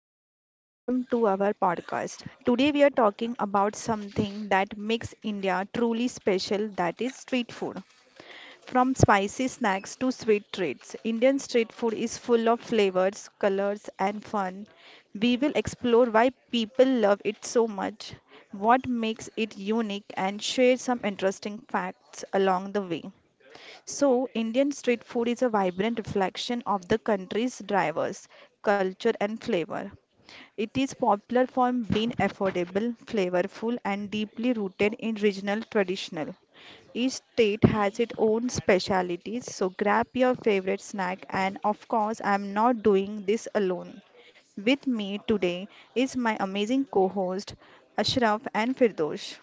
Rituja and welcome to our podcast. Today we are talking about something that makes India truly special, that is street food. From spicy snacks to sweet treats, Indian street food is full of flavors, colors and fun. We will explore why people love it so much, what makes it unique and share some interesting facts along the way. So, Indian street food is a vibrant reflection of the country's drivers, culture, and flavor. It is popular for being affordable, flavorful, and deeply rooted in regional traditional. Each state has its own specialities, so grab your favorite snack. And of course, I'm not doing this alone. With me today is my amazing co-host Ashraf and Firdosh.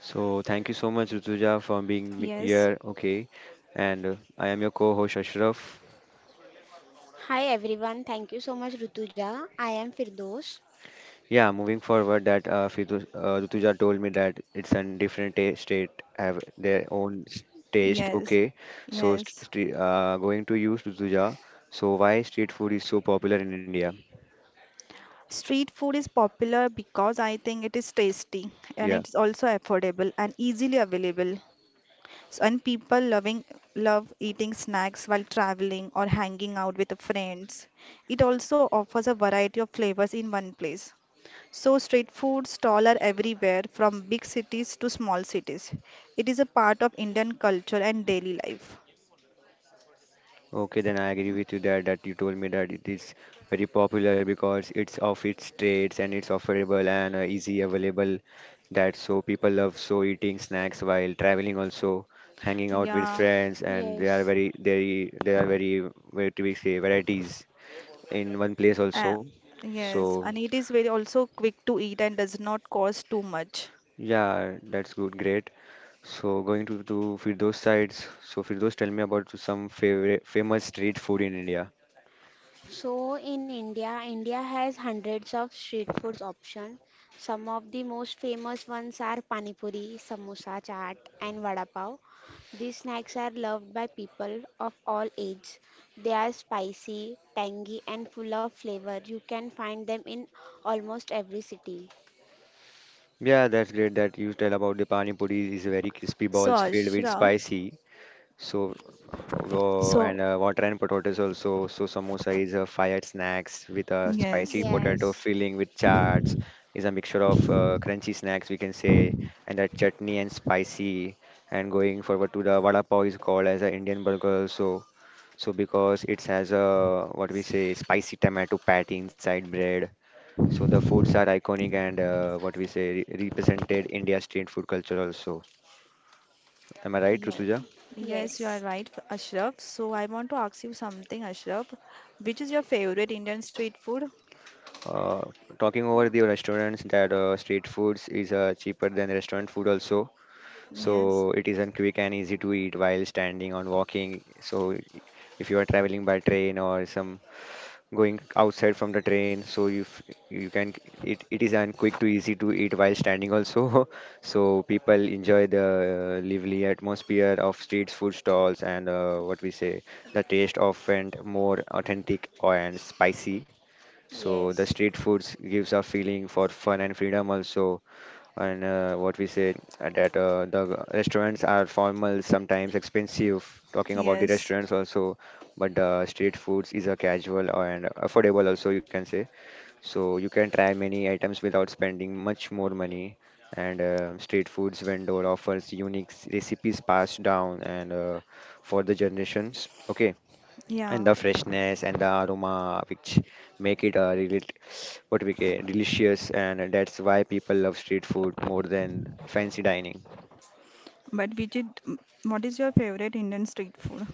So thank you so much, Rutuja, for Yes, here. Okay, and I am your co-host Ashraf. Hi everyone, thank you so much Rutuja. I am Firdos. Yeah, moving forward, Rutuja told me that it's a different ta- state have their own taste. yes, Okay, so yes. Going to you, Rutuja. So why street food is so popular in India? Street food is popular because I think it is tasty and Yeah. it's also affordable and easily available. So, and people loving love eating snacks while traveling or hanging out with friends. It also offers a variety of flavors in one place. So street food stalls are everywhere from big cities to small cities. It is a part of Indian culture and daily life. Okay, then I agree with you that you told me that it is very popular because it's of its trades and it's offerable and easy available that so people love so eating snacks while traveling also hanging out with Yeah, friends, and Yes, they are very do we say varieties in one place uh, also. So yes, and it is very also quick to eat and does not cost too much. yeah, that's good, great. So going to Firdos sides. So Firdos, tell me about some favorite famous street food in India. so in India, India has hundreds of street foods option. Some of the most famous ones are pani puri, samosa chaat and vada pav. These snacks are loved by people of all age. They are spicy, tangy and full of flavor. You can find them in almost every city. Yeah, that's great that you tell about the pani puri is very crispy So, balls filled with Ashraf, spicy. So so and water and potatoes also. So samosa is a fired snacks with a yes, spicy potato Yes. filling with chaats. Is a mixture of crunchy snacks we can say, and that chutney and spicy. And going forward to the vada pav is called as a Indian burger also. So because it has a what we say spicy tomato patty inside bread, so the foods are iconic and what we say represented India street food culture also. Am I right, yeah, Rutuja? yes, you are Yes. right, Ashraf. So, I want to ask you something, Ashraf. Which is your favorite Indian street food? Uh, talking over Oh, the restaurants that street foods is cheaper than restaurant food also. Yes, So it isn't quick and easy to eat while standing or walking. So if you are traveling by train or some going outside from the train so you can it is and quick to easy to eat while standing also so people enjoy the lively atmosphere of street food stalls and what we say the taste often more authentic and spicy, so the yes. street foods gives a feeling for fun and freedom also, and what we say that the restaurants are formal, sometimes expensive. Talking about the yes, restaurants also, but the street foods is a casual and affordable also you can say. So you can try many items without spending much more money. And street foods vendor offers unique recipes passed down and for the generations. Okay, and yeah. the freshness and the aroma which make it really what we get delicious, and that's why people love street food more than fancy dining. But which is, what is your favorite Indian street food?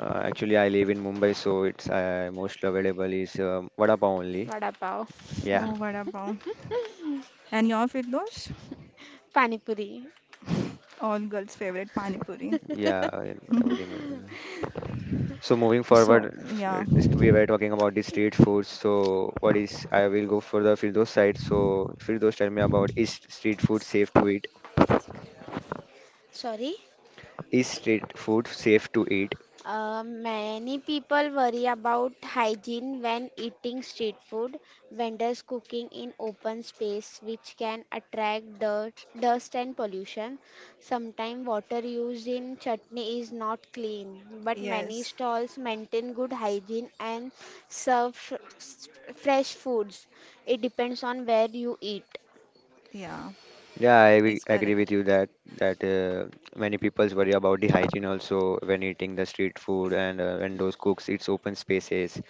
Actually I live in Mumbai, so it's most available is vada pav only. Vada pav. Yeah, Oh, vada pav. And your Firdosh? Pani puri. All girls' favorite pani puri. yeah, every month. So moving So, forward yeah, we were talking about the street food, so what is I will go for the Firdaus side, so Firdaus tell me about Sorry, is street food safe to eat. uh, many people worry about hygiene when eating street food. Vendors cooking in open space, which can attract dirt, dust and pollution. Sometimes water used in chutney is not clean, but many yes, stalls maintain good hygiene and serve fresh foods. It depends on where you eat. yeah, Yeah, I it's agree correct. with you that that many people worry about the hygiene also when eating the street food and when those cooks eats open spaces,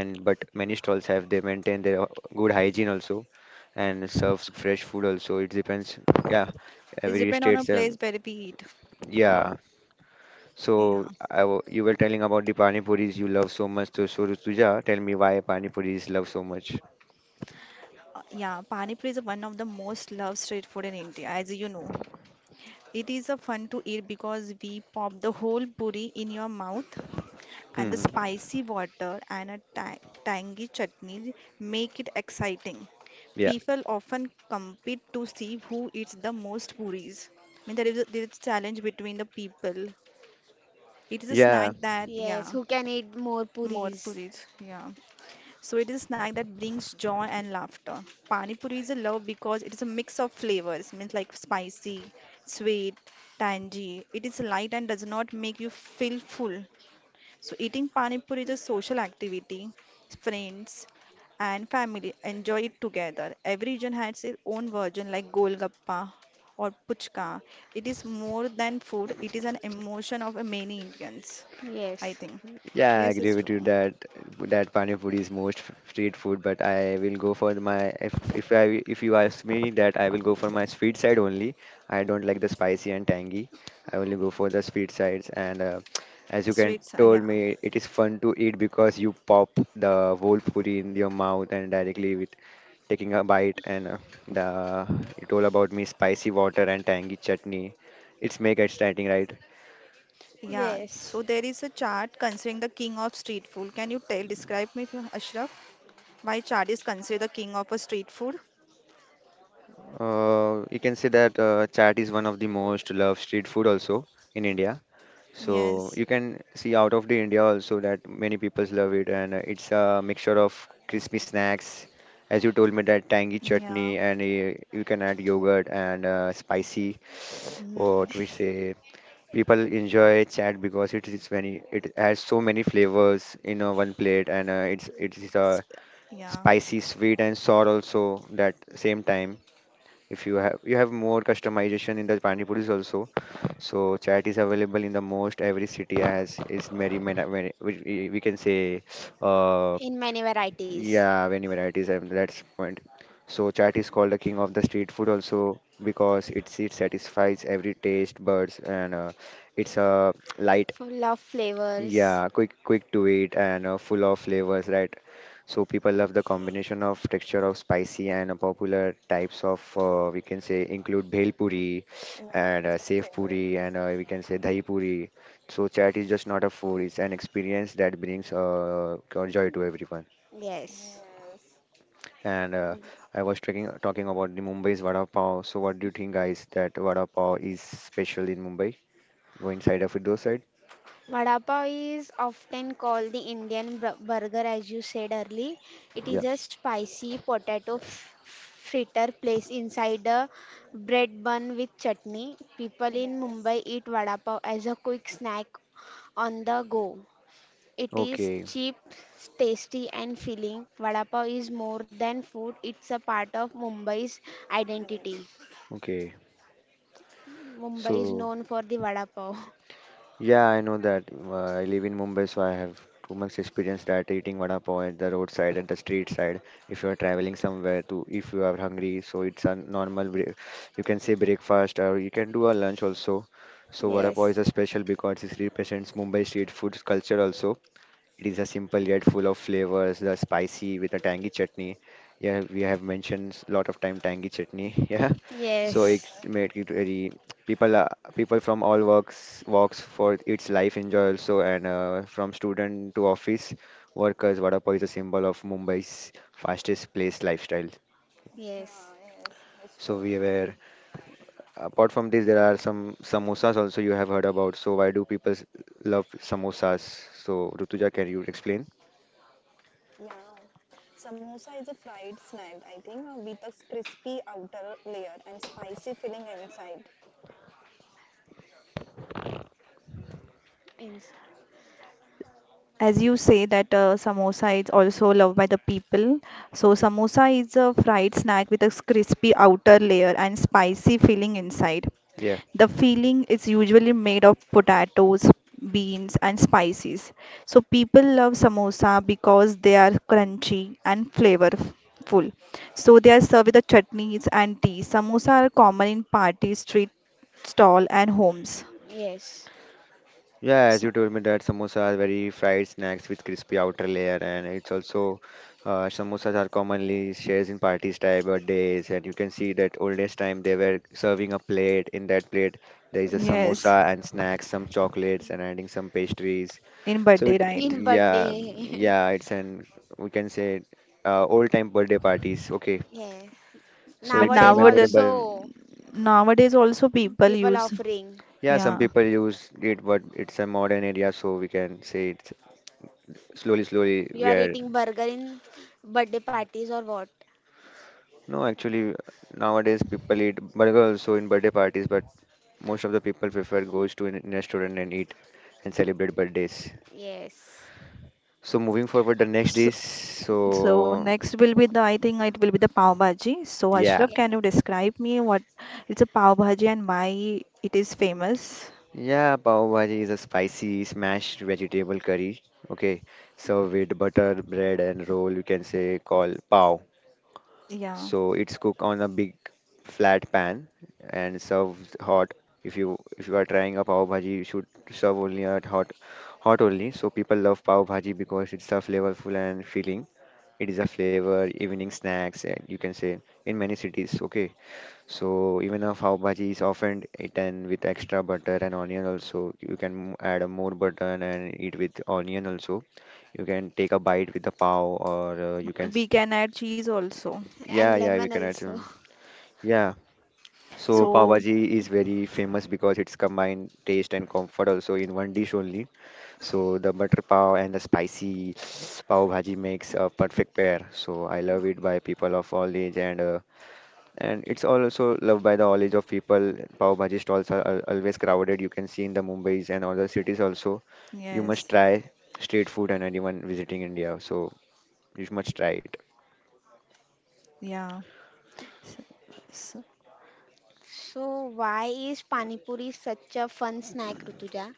and but many stalls have they maintain their good hygiene also, and serves fresh food also. It depends. Yeah, It every depends on a state's place where we eat. yeah. So Yeah. I w you were telling about the pani puris you love so much. So, so Rutuja, tell me why pani puris love so much. Yeah, Pani Puri is one of the most loved street food in India, as you know. It is a fun to eat because we pop the whole puri in your mouth and the Hmm. spicy water and a tangy chutney make it exciting. Yeah. People often compete to see who eats the most puris. I mean, there is a challenge between the people. It is a snack Yeah. that, Yes, yeah, who can eat more more puris? puris, yeah. So it is a snack that brings joy and laughter. Pani puri is a love because it is a mix of flavors, means like spicy, sweet, tangy. It is light and does not make you feel full. So eating pani puri is a social activity. Friends and family enjoy it together. Every region has its own version like golgappa or puchka. It is more than food, it is an emotion of many Indians, I Yes, think. Yeah, I Yes, agree it's with you true. that that pani puri is street food, but I will go for my if you ask me that I will go for my sweet side only. I don't like the spicy and tangy. I only go for the sweet sides, and as you can Sweets, yeah. told me, it is fun to eat because you pop the whole puri in your mouth and directly with taking a bite, and the it all about me spicy water and tangy chutney. It's make exciting, right? Yeah, yes, so there is a chart considering the king of street food. Can you tell, describe me, Ashraf, why chart is considered the king of a street food? You can say that chaat is one of the most loved street food also in India. So Yes. you can see out of the India also that many people love it, and it's a mixture of crispy snacks, as you told me that tangy Yeah. chutney, and you can add yogurt and spicy. Mm. What we say, people enjoy chaat because it is many, it has so many flavors in one plate, and it is Yeah. spicy, sweet, and sour also that same time if you have more customization in the pani puris also. So chat is available in the most every city has is which we can say uh in many varieties. yeah many varieties, and that's point. So chat is called the king of the street food also because it satisfies every taste buds and it's a light. So love flavors. Yeah, quick to eat and full of flavors, right? So people love the combination of texture of spicy and popular types of we can say include bhel puri Yeah, and it's my sev favorite. puri, and we can say dahi puri. So chat is just not a food; it's an experience that brings joy to everyone. Yes. Yes. And I was talking about the Mumbai's vada pav. So what do you think, guys? That vada pav is special in Mumbai? Go inside of it, those side? Vada pav is often called the Indian burger, as you said earlier. It Yeah. is a spicy potato fritter placed inside a bread bun with chutney. People in Yes, Mumbai eat vada pav as a quick snack on the go. It is Okay. cheap, tasty, and filling. Vada pav is more than food, it's a part of Mumbai's identity. Arif. Okay. Mumbai is So. known for the vada pav. Yeah, I know that. I live in Mumbai, so I have too much experience that eating vada pav at the roadside, at the street side. If you are traveling somewhere to, if you are hungry, so it's a normal, you can say breakfast, or you can do a lunch also. So vada pav is Yes, a special because it represents Mumbai street food culture also. It is a simple yet full of flavors. The spicy with a tangy chutney. Yeah, we have mentioned a lot of time tangy chutney. Yeah, so yes, it's Yeah, made it very people are people from all walks for its life enjoy also, and from student to office workers, vada pav is a symbol of Mumbai's fastest place lifestyle. yeah, yes, yes, it's So true. we were apart from this, there are some samosas also you have heard about. So why do people love samosas? So Rutuja, can you explain? Yeah. Samosa is a fried snack, I think, with a crispy outer layer and spicy filling inside. in As you say that samosa is also loved by the people. So samosa is a fried snack with a crispy outer layer and spicy filling inside. Yeah. The filling is usually made of potatoes, beans and spices. So people love samosa because they are crunchy and flavorful. So they are served with the chutneys and tea. Samosa are common in parties, street stall and homes. yes, Yeah, as you told me that samosas are very fried snacks with crispy outer layer, and it's also samosas are commonly shared in parties, type birthdays, and you can see that oldest time they were serving a plate. In that plate, there is a Yes, samosa and snacks, some chocolates, and adding some pastries. in So birthday, it, in right? yeah, birthday. yeah, it's an we can say old time birthday parties. Okay, Yes. so But it's a Nowadays nowadays, memorable. also nowadays also people people use. offering. Yeah, some Yeah, people use it, but it's a modern area, so we can say it's slowly, slowly You we are are. eating burger in birthday parties or what? No, actually, nowadays people eat burger also in birthday parties, but most of the people prefer goes to an restaurant and eat and celebrate birthdays. Yes, So moving forward, the next dish. so, so So next will be the, I think it will be the pav bhaji. So yeah, Ashraf, can you yes, describe me what it's a pav bhaji and why it is famous? yeah, pav bhaji is a spicy smashed vegetable curry. Okay, served with butter, bread, and roll. You can say call pav. Yeah, So it's cooked on a big flat pan and served hot. If you are trying a pav bhaji, you should serve only at hot only. So people love pav bhaji because it's a flavorful and filling. It is a flavor evening snacks eh, you can say in many cities. Okay, so even a pav bhaji is often eaten with extra butter and onion also. You can add a more butter and eat with onion also. You can take a bite with the pav or we can add cheese also. and yeah, yeah, we lemon can add some. also. Yeah, so pav So bhaji is very famous because it's combined taste and comfort also in one dish only. So the butter pav and the spicy pav bhaji makes a perfect pair. So I love it by people of all age and it's also loved by the all age of people. Pav bhaji stalls are always crowded. You can see in the Mumbai's and other cities also. You must yes, try street food and anyone visiting India. So you must try it. yeah. So, so, So why is pani puri such a fun snack, Rutuja?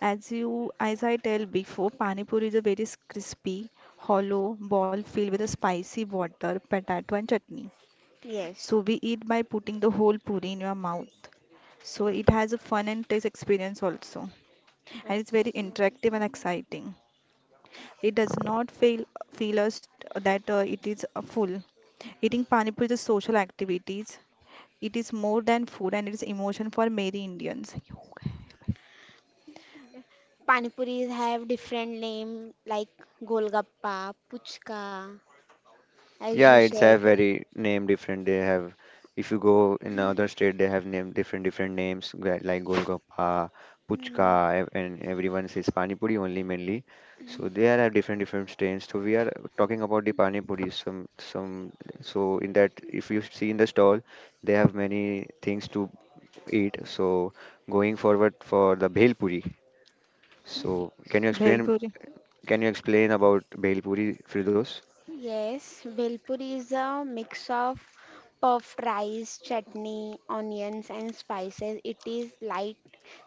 as you as I tell before, pani puri is a very crispy hollow ball filled with a spicy water potato and chutney, Yes. so we eat by putting the whole puri in your mouth. So it has a fun and taste experience also, Uh, and it's very interactive and exciting. It does not feel us that it is full. Eating pani puri is a social activities. It is more than food, and it is emotion for many Indians. Pani puris have different name like golgappa, puchka, as you Yeah, it's have said. very name different. They have, if you go in other state, they have name different names like Golgappa, Mm. Puchka, and everyone says Pani Puri only mainly. So they are have different strains. So we are talking about the Pani Puri. Some so in that if you see in the stall, they have many things to eat. So going forward for the Bhel Puri. So Yes. Bhelpuri. can you explain about Bhel Puri, Firdos? Yes, Bhelpuri is a mix of puffed rice, chutney, onions, and spices. It is light,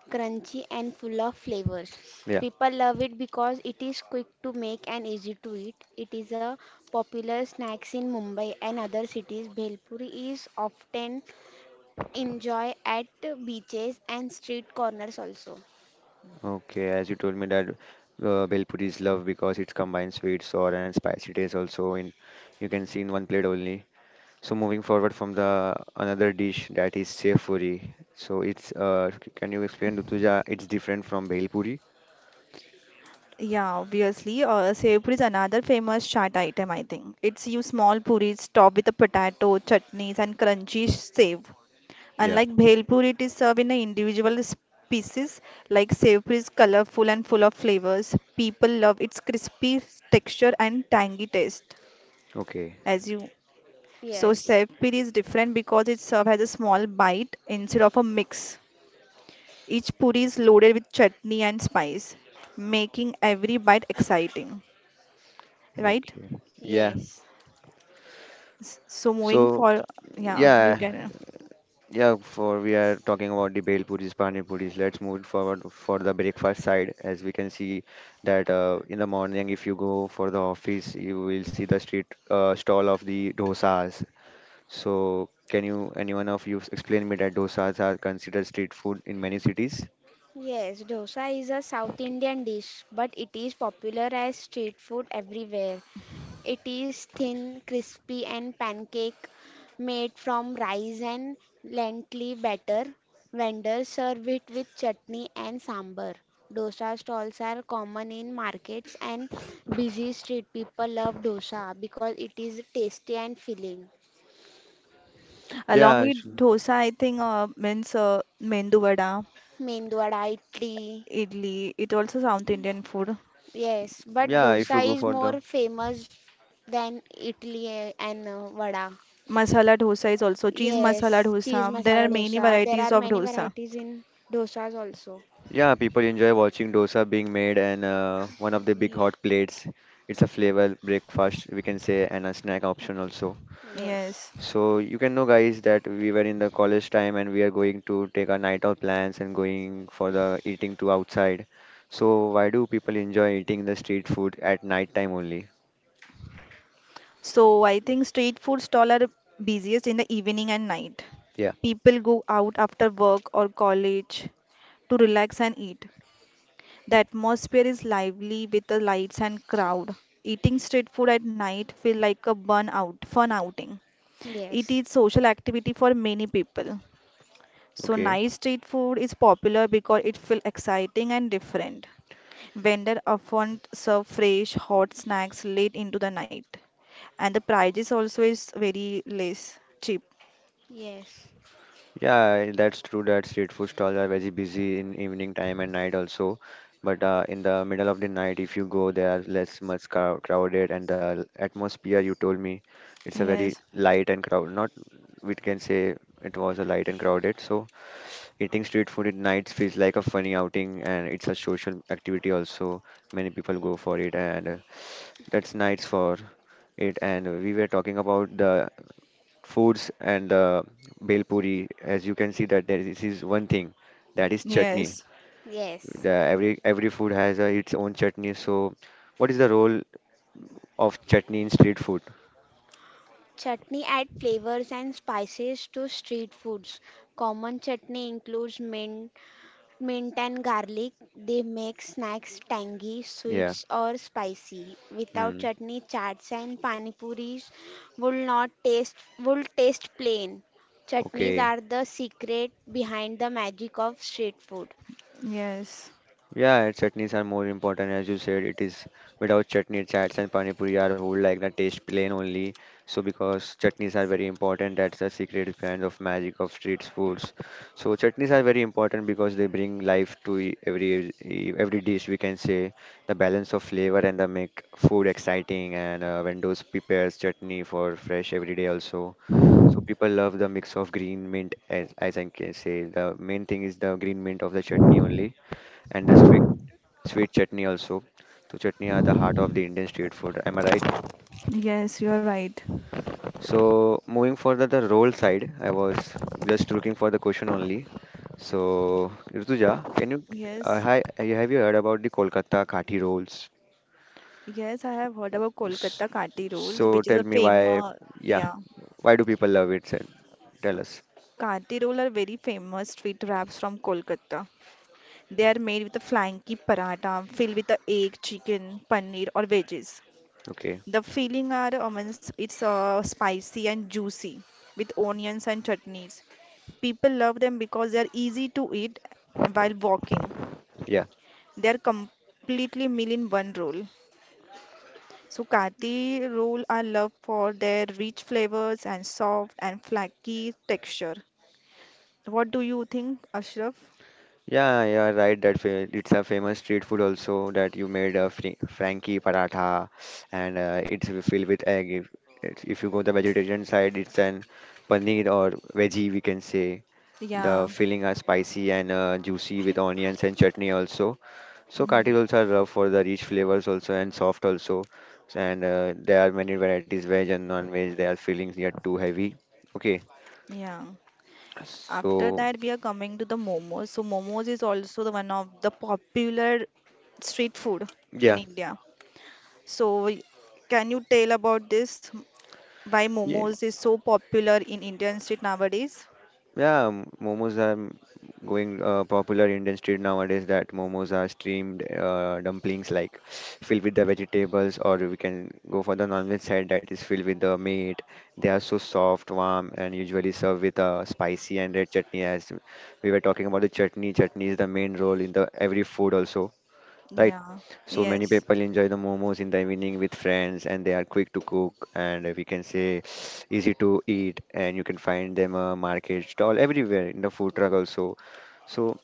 crunchy, and full of flavors. Yeah. People love it because it is quick to make and easy to eat. It is a popular snack in Mumbai and other cities. Bhelpuri is often enjoyed at beaches and street corners also. Okay, as you told me that Bhelpuri is loved because it combines sweet, sour, and spicy taste also in you can see in one plate only. So moving forward from the another dish, that is sev puri. So can you explain, Rutuja? It's different from Bhelpuri. Yeah, obviously. Sev puri is another famous chaat item, I think. It's you small puris topped with the potato, chutneys, and crunchy sev. Yeah. Unlike Bhelpur, it is served in a individual pieces like sev is colorful and full of flavors. People love its crispy texture and tangy taste. Okay. As you, so Yes. sev puri is different because it's served as a small bite instead of a mix. Each puri is loaded with chutney and spice, making every bite exciting, right? Yeah. Yes. So moving So for, yeah, you yeah. can, Yeah, for we are talking about the bhel puris, pani puris. Let's move it forward for the breakfast side. As we can see that in the morning, if you go for the office, you will see the street stall of the dosas. So, can you, anyone of you, explain me that dosas are considered street food in many cities? Yes, dosa is a South Indian dish, but it is popular as street food everywhere. It is thin, crispy, and pancake made from rice and lentil batter. Vendors serve it with chutney and sambar. Dosa stalls are common in markets and busy street. People love dosa because it is tasty and filling. along Yeah, su- with dosa, I think, means mendu vada. Mendwada, idli. Idli, it also South Indian food. Yes, but yeah. If you dosa go is for the more famous than Italy and vada. Masala dosa is also cheese masala Yes, cheese dosa. There masala are many dosa. There are varieties of many dosa. varieties in dosas also. yeah, people enjoy watching dosa being made and one of the big hot plates. It's a flavor breakfast, we can say, and a snack option also. Yes, Yes. So you can know, guys, that we were in the college time and we are going to take our night out plans and going for the eating to outside. So why do people enjoy eating the street food at night time only? So I think street food stall are busiest in the evening and night. Yeah, People go out after work or college to relax and eat. The atmosphere is lively with the lights and crowd. Eating street food at night feel like a burn out, fun outing. It yes, is social activity for many people. So okay. nice street food is popular because it feels exciting and different. Vendors often serve fresh, hot snacks late into the night. And the prices also is very less cheap. yes, Yeah, that's true that street food stalls are very busy in evening time and night also. But in the middle of the night, if you go, they are less much crowded, and the atmosphere you told me, it's a very Yes, light and crowd. Not, we can say, it was a light and crowded. So, eating street food at nights feels like a funny outing, and it's a social activity also. Many people go for it, and that's nice for it. And we were talking about the foods and the bhel puri. As you can see that there is, this is one thing that is chutney. yes, yes. The, every food has its own chutney. So what is the role of chutney in street food? Chutney add flavors and spices to street foods. Common chutney includes mint. Mint and garlic, they make snacks tangy, Yeah. sweets or spicy. Without Hmm. chutney, chaats and pani puris will not taste will taste plain. Chutneys Okay. are the secret behind the magic of street food. yes, Yeah, and chutneys are more important, as you said. It is, without chutney, chats and pani puri are whole like the taste plain only. So because chutneys are very important, that's the secret brand of magic of street foods. So chutneys are very important because they bring life to every dish. We can say the balance of flavor and the make food exciting. And vendors prepares chutney for fresh every day also. So people love the mix of green mint, as I can say. The main thing is the green mint of the chutney only, and the sweet chutney also. So chutney are the heart of the Indian street food. Am I right? yes, you are right. So moving further the roll side, I was just looking for the question only. So Rituja, Yes, have you heard about the Kolkata Kathi rolls? yes, I have heard about S- Kolkata Kati rolls, So which tell is a me why, famous, yeah, yeah. why do people love it? Tell us. Kati roll are very famous street wraps from Kolkata. They are made with a flanky paratha filled with the egg, chicken, paneer or veggies. Okay, The filling are almonds. It's spicy and juicy with onions and chutneys. People love them because they are easy to eat while walking. yeah. They are completely meal in one roll. So Kati roll are loved for their rich flavors and soft and flaky texture. What do you think, Ashraf? Yeah, yeah, right. That it's a famous street food also, that you made a Frankie paratha, and it's filled with egg. If you go the vegetarian side, it's an paneer or veggie, we can say. The Yeah. filling are spicy and juicy अरे with बाल onions and क्यों उठ- chutney also. So Mhm. kati rolls are rough for the rich flavors also and soft also. And there are many varieties, veg and non-veg. Their fillings are too heavy. Okay, Yeah. After so that, we are coming to the momos. So, momos is also the one of the popular street food in yeah. India. So, can you tell about this? Why momos is so popular in Indian street nowadays? Momos are m- going popular Indian street nowadays, that momos are steamed dumplings like filled with the vegetables, or we can go for the non-veg side that is filled with the meat. They are so soft, warm and usually served with a spicy and red chutney, as we were talking about the chutney. Chutney is the main role in the every food also, right? Yeah, So many yes. people enjoy the momos in the evening with friends, and they are quick to cook, and we can say easy to eat, and you can find them a market stall everywhere in the food truck also. So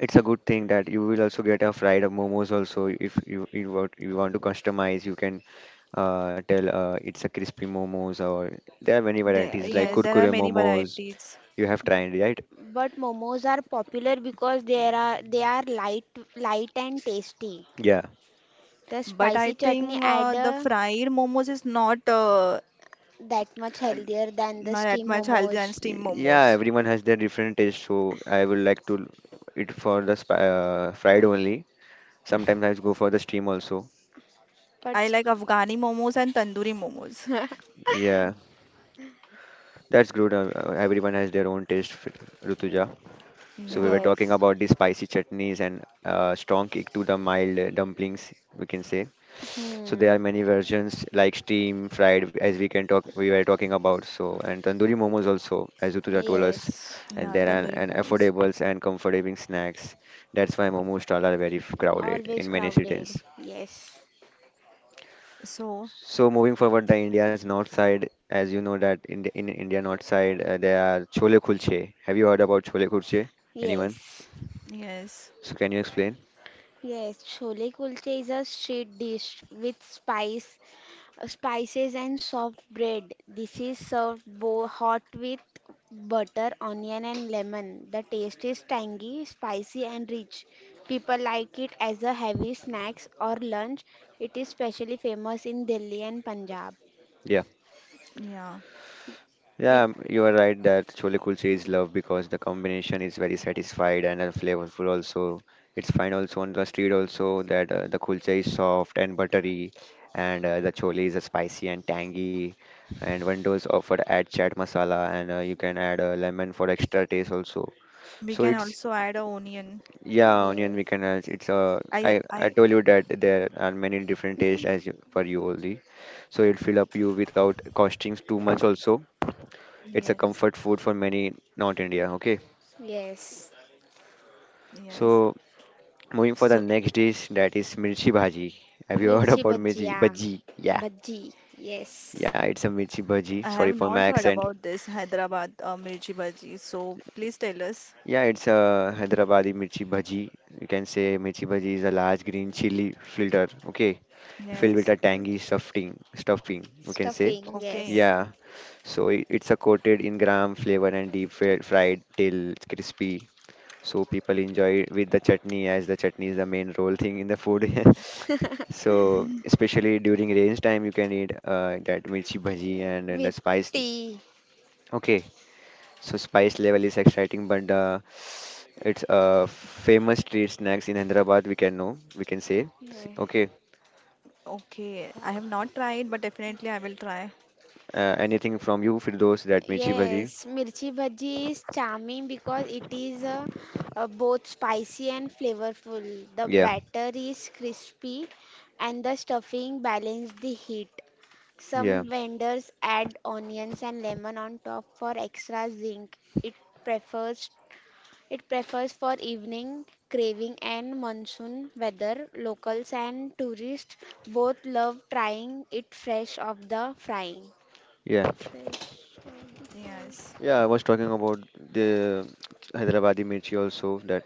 it's a good thing that you will also get a fried momos also. If you want, you want to customize, you can tell it's a crispy momos, or there are many There, varieties like yeah, Yes, there are kurkure many momos. varieties, You have tried, right? but momos are popular because they are light and tasty. Yeah. The but I spicy chutney think add the uh, fried momos is not that much uh, healthier than the not that steam much healthy than momos. Steamed Yeah, momos. everyone has their different taste, so I would like to eat for the sp fried only. Sometimes I go for the steam also. But I s- like Afghani momos and tandoori momos. Yeah, that's good. Everyone has their own taste, Rutuja. So we were Yeah, talking yes. about the spicy chutneys and strong kick to the mild dumplings, we can say. So there are Hmm. many versions like steam, fried, as we can talk, we were talking about. So and tandoori momos also, as Utuja told us, Yes. and yeah, there are tandoori and momos. affordables and comforting snacks. That's why momo stalls are very crowded Always in many crowded. cities. Yes. So, So moving forward, the India's north side, as you know that in India north side there are chole kulche. Have you heard about chole kulche? Anyone? Yes. yes, So can you explain? Yes. Chole kulche is a street dish with spices and soft bread. This is served bo hot with butter, onion and lemon. The taste is tangy, spicy and rich. People like it as a heavy snacks or lunch. It is specially famous in Delhi and Punjab. Yeah. yeah. Bec- You are right that chole kulche is love because the combination is very satisfied and flavorful also. It's fine also on the street also, that the kulcha is soft and buttery, and the chole is spicy and tangy. And vendors offer add chaat masala, and you can add lemon for extra taste also. We So can it's, also add a onion. yeah, onion yes. we can add. It's uh, I, I I I, told you that there are many different tastes as you, for you only. So it fill up you without costing too much also, it's a yes, comfort food for many, not India. Okay. Yes. yes. So moving for the So, next dish, that is mirchi bhaji. Have you heard Mirchi about bhaji, mirchi yeah. bhaji? Yeah, Bhaji, yes. yeah. It's a mirchi bhaji. I have Sorry for not my heard accent. about this Hyderabad mirchi bhaji. So, please tell us. Yeah, it's a Hyderabadi mirchi bhaji. You can say mirchi bhaji is a large green chili filter. Okay, filled with Yes. a tangy stuffing. Stuffing, we can say. Stuffing, Okay. yes. Yeah, so it's a coated in gram flavor and fried till it's crispy. So people enjoy it with the chutney, as the chutney is the main role thing in the food. So Mhm. especially during range time you can eat that mirchi bhaji, Uh, and the With spice. tea. Okay, so spice level is exciting, but it's famous street snacks in Hyderabad, we can know, we can say. Yeah. Okay. Okay. I have not tried, but definitely I will try. Anything from you, Firdaus, that mirchi bhaji? Yes, mirchi bhaji is charming because it is both spicy and flavorful. The Yeah. batter is crispy and the stuffing balance the heat. Yeah. Some vendors add onions and lemon on top for extra zing. It prefers It prefers for evening craving and monsoon weather. Locals and tourists both love trying it fresh off the frying. Yeah. Fresh on the fire. Yes. Yeah, I was talking about the Hyderabadi mirchi also, that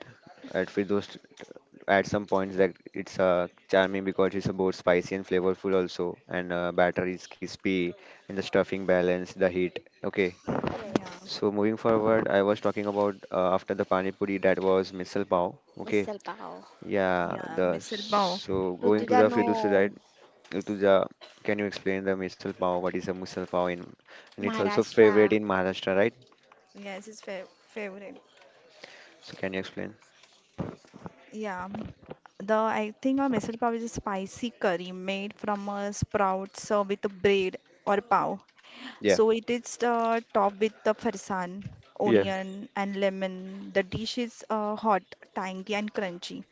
at Firdaus at some points, that it's charming because it's both spicy and flavorful also, and batter is crispy and the stuffing balance the heat. Okay. Yeah. Yes. So moving forward, I was talking about after the pani puri, that was misal pav. Okay. Misal pav. Yeah, Yeah. the, Misal pav. so My going to Rutuja, the no. favorite. fiduci, right? Rituja, can you explain the misal pav, what is a misal pav in, and it's also Maharashtra. favorite in Maharashtra, right? Yes, it's fa favorite. So can you explain? Yeah, the I think a misal pav is a spicy curry made from a sprout served with a bread or pav. yeah So it is topped with the farsan, yeah onion, and lemon. The dish is hot, tangy, and crunchy.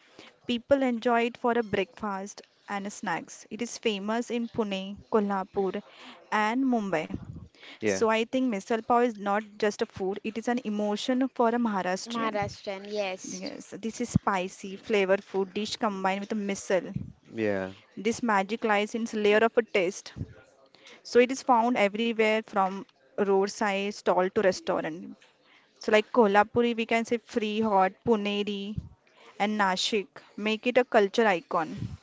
People enjoy it for a breakfast and snacks. It is famous in Pune, Kolhapur, and Mumbai. yeah So I think misal pav is not just a food; it is an emotion for a Maharashtrian. Maharashtrian, yes. Yes, this is spicy, flavorful dish combined with a missile. yeah This magic lies in its layer of a taste. So it is found everywhere from roadside stall to restaurant. So like Kolhapuri, we can say free hot, Puneri and Nashik make it a culture icon.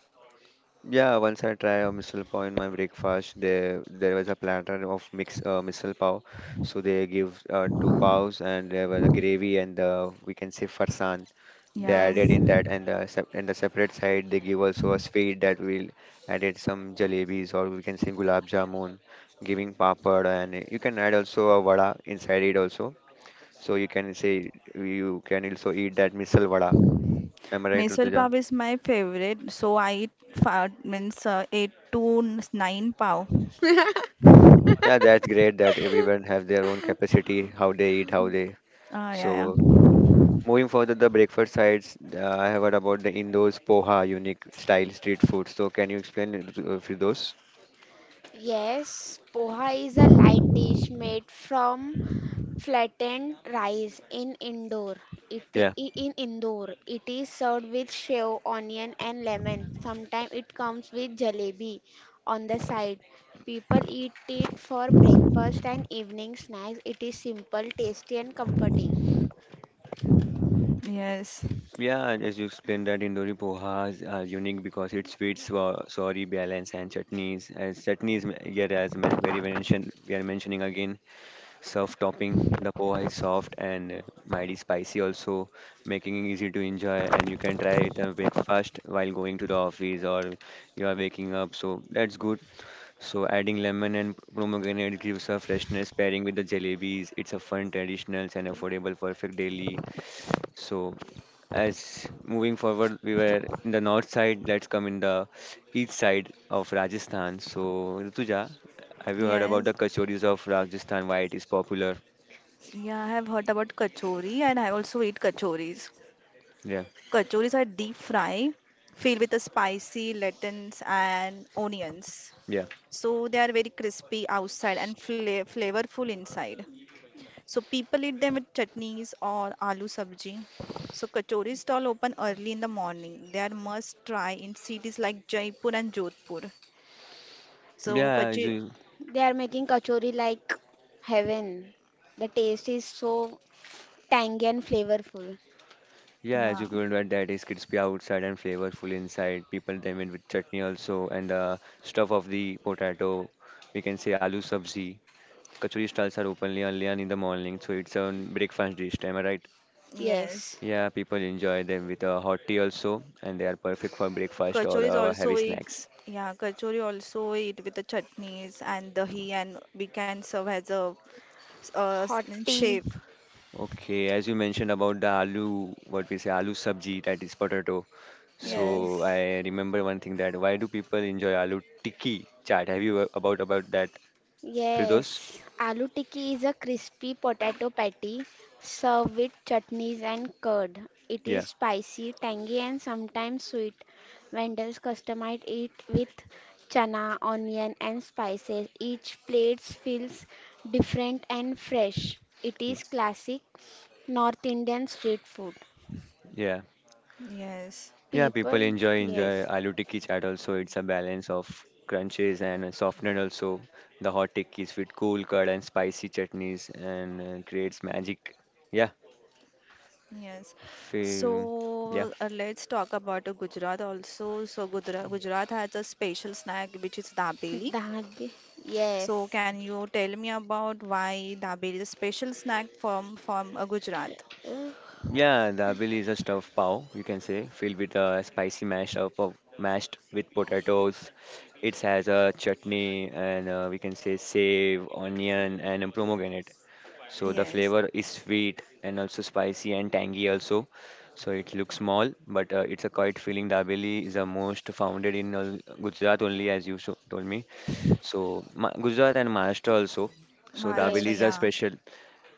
Yeah, once I tried a misal pav in my breakfast. There was a platter of mix misal pav. So they give two paos, and there was a gravy and the, we can say, farsan. They Yeah. added Yes. in that, and and the separate side they give also a sweet, that we'll added some jalebis, or we can say gulab jamun, giving papad, and you can add also a vada inside it also. So you can say you can also eat that misal vada. Am I right, Misal Rutuja? pav is my favorite. So I eat five, means eight to nine pav. Yeah, that's great that everyone have their own capacity, how they eat, how they. Ah, yeah, So moving further, the breakfast sides, I have heard about the Indo's poha unique style street food. So can you explain it for those? Yes, poha is a light dish made from flattened rice in indoor. It i- Yeah, in Indore, it is served with shev, onion, and lemon. Sometimes it comes with jalebi on the side. People eat it for breakfast and evening snacks. It is simple, tasty, and comforting. yeah. Yes. yeah. And as you explained that Indori pohas are unique because it's sweet, swa sorry, balance and chutneys. As chutneys, here as very mentioned, we are mentioning again. Surf topping, the poha is soft and mildly spicy also, making it easy to enjoy, and you can try it and breakfast while going to the office, or you are waking up. So that's good. So adding lemon and pomegranate gives a freshness pairing with the jalebis. It's a fun, traditional and affordable perfect daily. So as moving forward, we were in the north side. Let's come in the east side of Rajasthan. So Rituja, have you heard about the Yes. kachoris of Rajasthan? Why it is popular? Yeah, I have heard about kachori and I also eat kachoris. Yeah, Kachoris are deep fry, filled with a spicy lentils and onions. yeah, So they are very crispy outside and flavorful inside. So people eat them with chutneys or aloo sabji. So kachori stall open early in the morning. They are must try in cities like Jaipur and Jodhpur. So yeah. As kachori, you, They are making kachori like heaven. The taste is so tangy and flavorful. yeah, as yeah, you told that, that is crispy outside and flavorful inside. People them in with chutney also, and the stuff of the potato. We can say aloo sabzi. Kachori stalls are openly only on in the morning, so it's a breakfast dish. Am I right? yes. Yes, Yeah, people enjoy them with a hot tea also, and they are perfect for breakfast or Kachori is heavy also eat, snacks. yeah, kachori also eat with the chutneys and dahi, and we can serve as a uh, hot tea. shave. Okay, as you mentioned about the aloo, what we say aloo sabji, that is potato. So Yes, Yes. I remember one thing that why do people enjoy aloo tikki chaat? Have you about that, Firdos? Yes, aloo tikki is a crispy potato patty served with chutneys and curd. It is Yeah, spicy, tangy, and sometimes sweet. Vendors customize it with chana, onion, and spices. Each plate feels different and fresh. It y- is classic North Indian street food. yeah, yes, yeah. People People, enjoy bit- yes. aloo tikki chaat also. It's a balance of crunches and a softened also the hot tikkis with cool curd and spicy chutneys and creates magic. Yeah, yes. Fir- yeah. So let's talk about Gujarat also. So Gujarat, Gujarat has a special snack which is dabeli. Dahadi, yes. So can you tell me about why dabeli is a special snack from Gujarat? Uh, Yeah, the abili is a stuffed pav, you can say, filled with a spicy mash of mashed with potatoes. It has a chutney and we can say save, onion, and a pomegranate. So the Yes, flavor is sweet and also spicy and tangy also. So it looks small, but it's a quite filling. Dabeli is the most founded in Gujarat only, as you so told me. So Ma Gujarat and Maharashtra also. So Maharashtra. dabelis yes, Yeah, are special,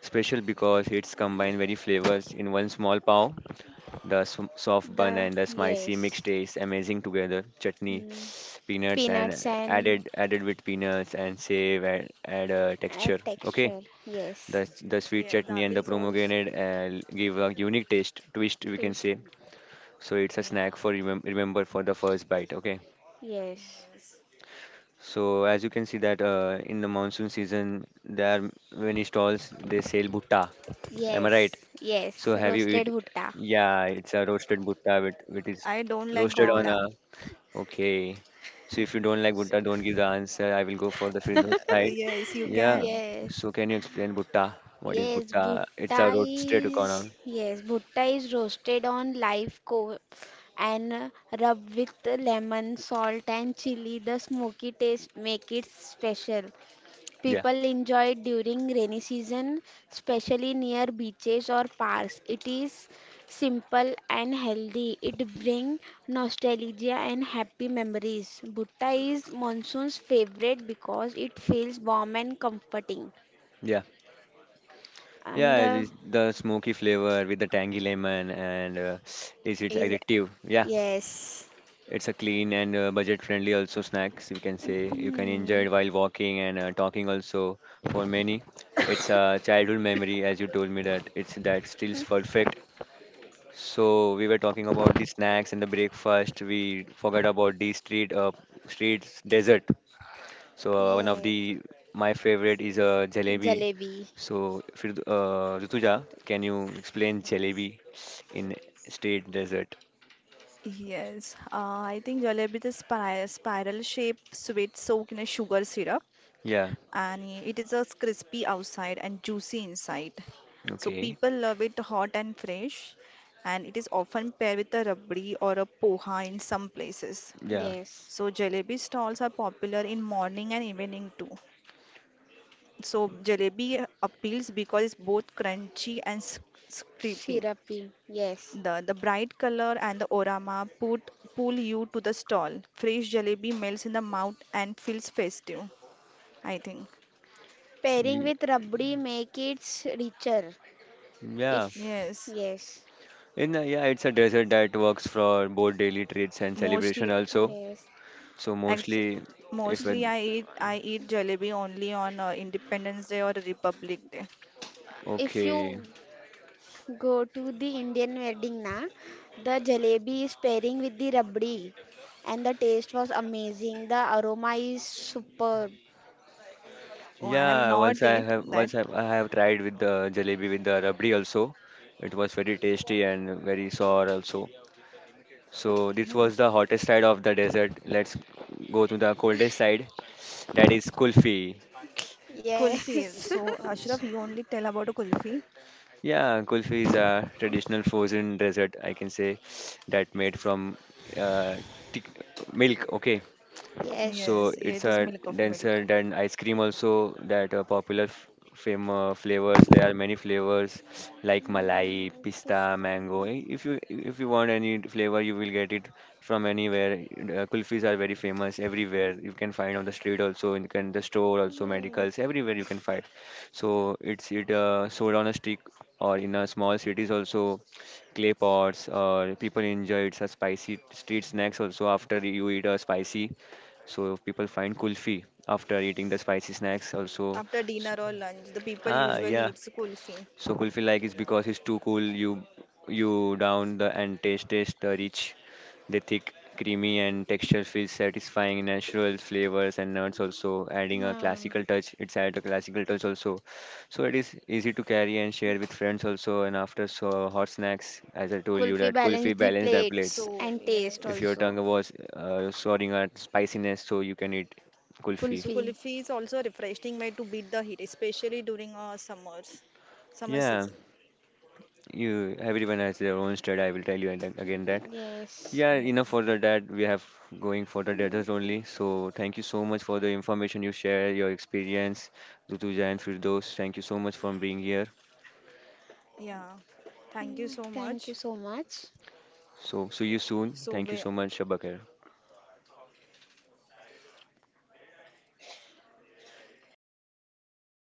special because it's combined very flavors in one small pav the soft bun the, and the spicy mix yes. taste amazing together. Chutney, Hmm. peanuts, and Peanuts and added with peanuts and save add a texture. Okay, texture. Yes. the yeah. sweet chutney Dabeli is and the also pomegranate give a unique taste twist we can Paste. say. So it's a yeah. snack for remember for the first bite. Okay. Yes. Yes. So as you can see that in the monsoon season there are many stalls they sell bhutta. Am I right? Yes. Yes. So have you Roasted eat? bhutta. Yeah, it's a roasted bhutta with is I don't like roasted on bhutta. Corn. a okay. So if you don't like So, Bhutta, don't give the answer. I will go for the Firdaus side. yes, you Yeah. can. Yes. So can you explain Bhutta? What is Yes. Bhutta? It's a Bhutta roasted is. coconut. Yes. Bhutta is roasted on live coal and rub with lemon, salt, and chili. The smoky taste make it special. Yeah. People enjoy it during rainy season, especially near beaches or parks. It is simple and healthy. It brings nostalgia and happy memories. Bhutta is monsoon's favorite because it feels warm and comforting. Yeah. And Yeah. It the is the smoky flavor with the tangy lemon and is it is addictive? Yeah. yes. It's a clean and budget-friendly also snacks. You can say you can enjoy Hmm. it while walking and talking also for many. It's a childhood memory as you told me that it's that stills perfect. So we were talking about the snacks and the breakfast. We forgot about the street, streets dessert. So one of Yeah. the my favorite is jalebi. Jalebi. So if Rituja, can you explain jalebi in street dessert? Yes, I think jalebi is a spiral shaped sweet soaked in a sugar syrup, Yeah. and it is as crispy outside and juicy inside. So Okay. people love it hot and fresh, and it is often paired with a rabdi or a poha in some places. Yeah. Yes. So jalebi stalls are popular in morning and evening too. So jalebi appeals because it's both crunchy and crispy. Syrupy. Yes. The bright color and the orama put, pull you to the stall. Fresh jalebi melts in the mouth and feels festive, I think. S- Pairing Y- with rabdi make it richer. Yeah. If yes, yes, In a, yeah, it's a dessert that works for both daily treats and celebration mostly, also. yes. So ex- mostly, if it, mostly I eat jalebi only on Independence Day or Republic Day. If okay. you go to the Indian wedding na, the jalebi is pairing with the rabdi, and the taste was amazing. The aroma is superb. Oh, I have Yeah, not once I eat have that. once I, I have tried with the jalebi with the rabdi also. It was very tasty and very sour also. So this was Yes, the hottest side of the desert. Let's go to the coldest side. That is kulfi. kulfi. Yes, So Ashraf, you only tell about a kulfi. Yeah, kulfi is a traditional frozen dessert, I can say, that made from uh, thick milk. Okay, yes. so Yes, Yeah, it's it is a milk of milk. denser than ice cream also that are popular f fam flavors. There are many flavors like Mm, malai, like pista, mango. If you want any flavor, you will get it from anywhere. Kulfis are very famous everywhere. You can find on the street also, in can the store also, medicals, yes. everywhere you can find. So it's it sold on a stick or in a small cities also clay pots or people enjoy it's a spicy street snacks also after you eat a spicy so people find kulfi after eating the spicy snacks also. After dinner S- or lunch, the people Ah, usually yeah. eats kulfi. So kulfi like is because it's too cool. You down the and taste the rich, the thick, creamy and texture feels satisfying. Natural flavors and nuts also adding a Huh. classical touch. It's add a classical touch also. So it is easy to carry and share with friends also. And after so hot snacks, as I told you Kulfi that balance kulfi the balance the plates plates So and taste yes. if your also. tongue was sorting at spiciness, so you can eat So kulfi. Kulfi. Kulfi is also a refreshing way to beat the heat, especially during summers, summer Yeah, season. you everyone has their own state. I will tell you and again that. Yes. Yeah, enough Yes. for the that we have going for the What? desert only. So thank you so much for the information you share, your experience, Dutuja and Firdos. Thank you so much for being here. Yeah. Thank you so Mm, much. thank you so much. So see you soon. So Thank you we, so much, Shabakir.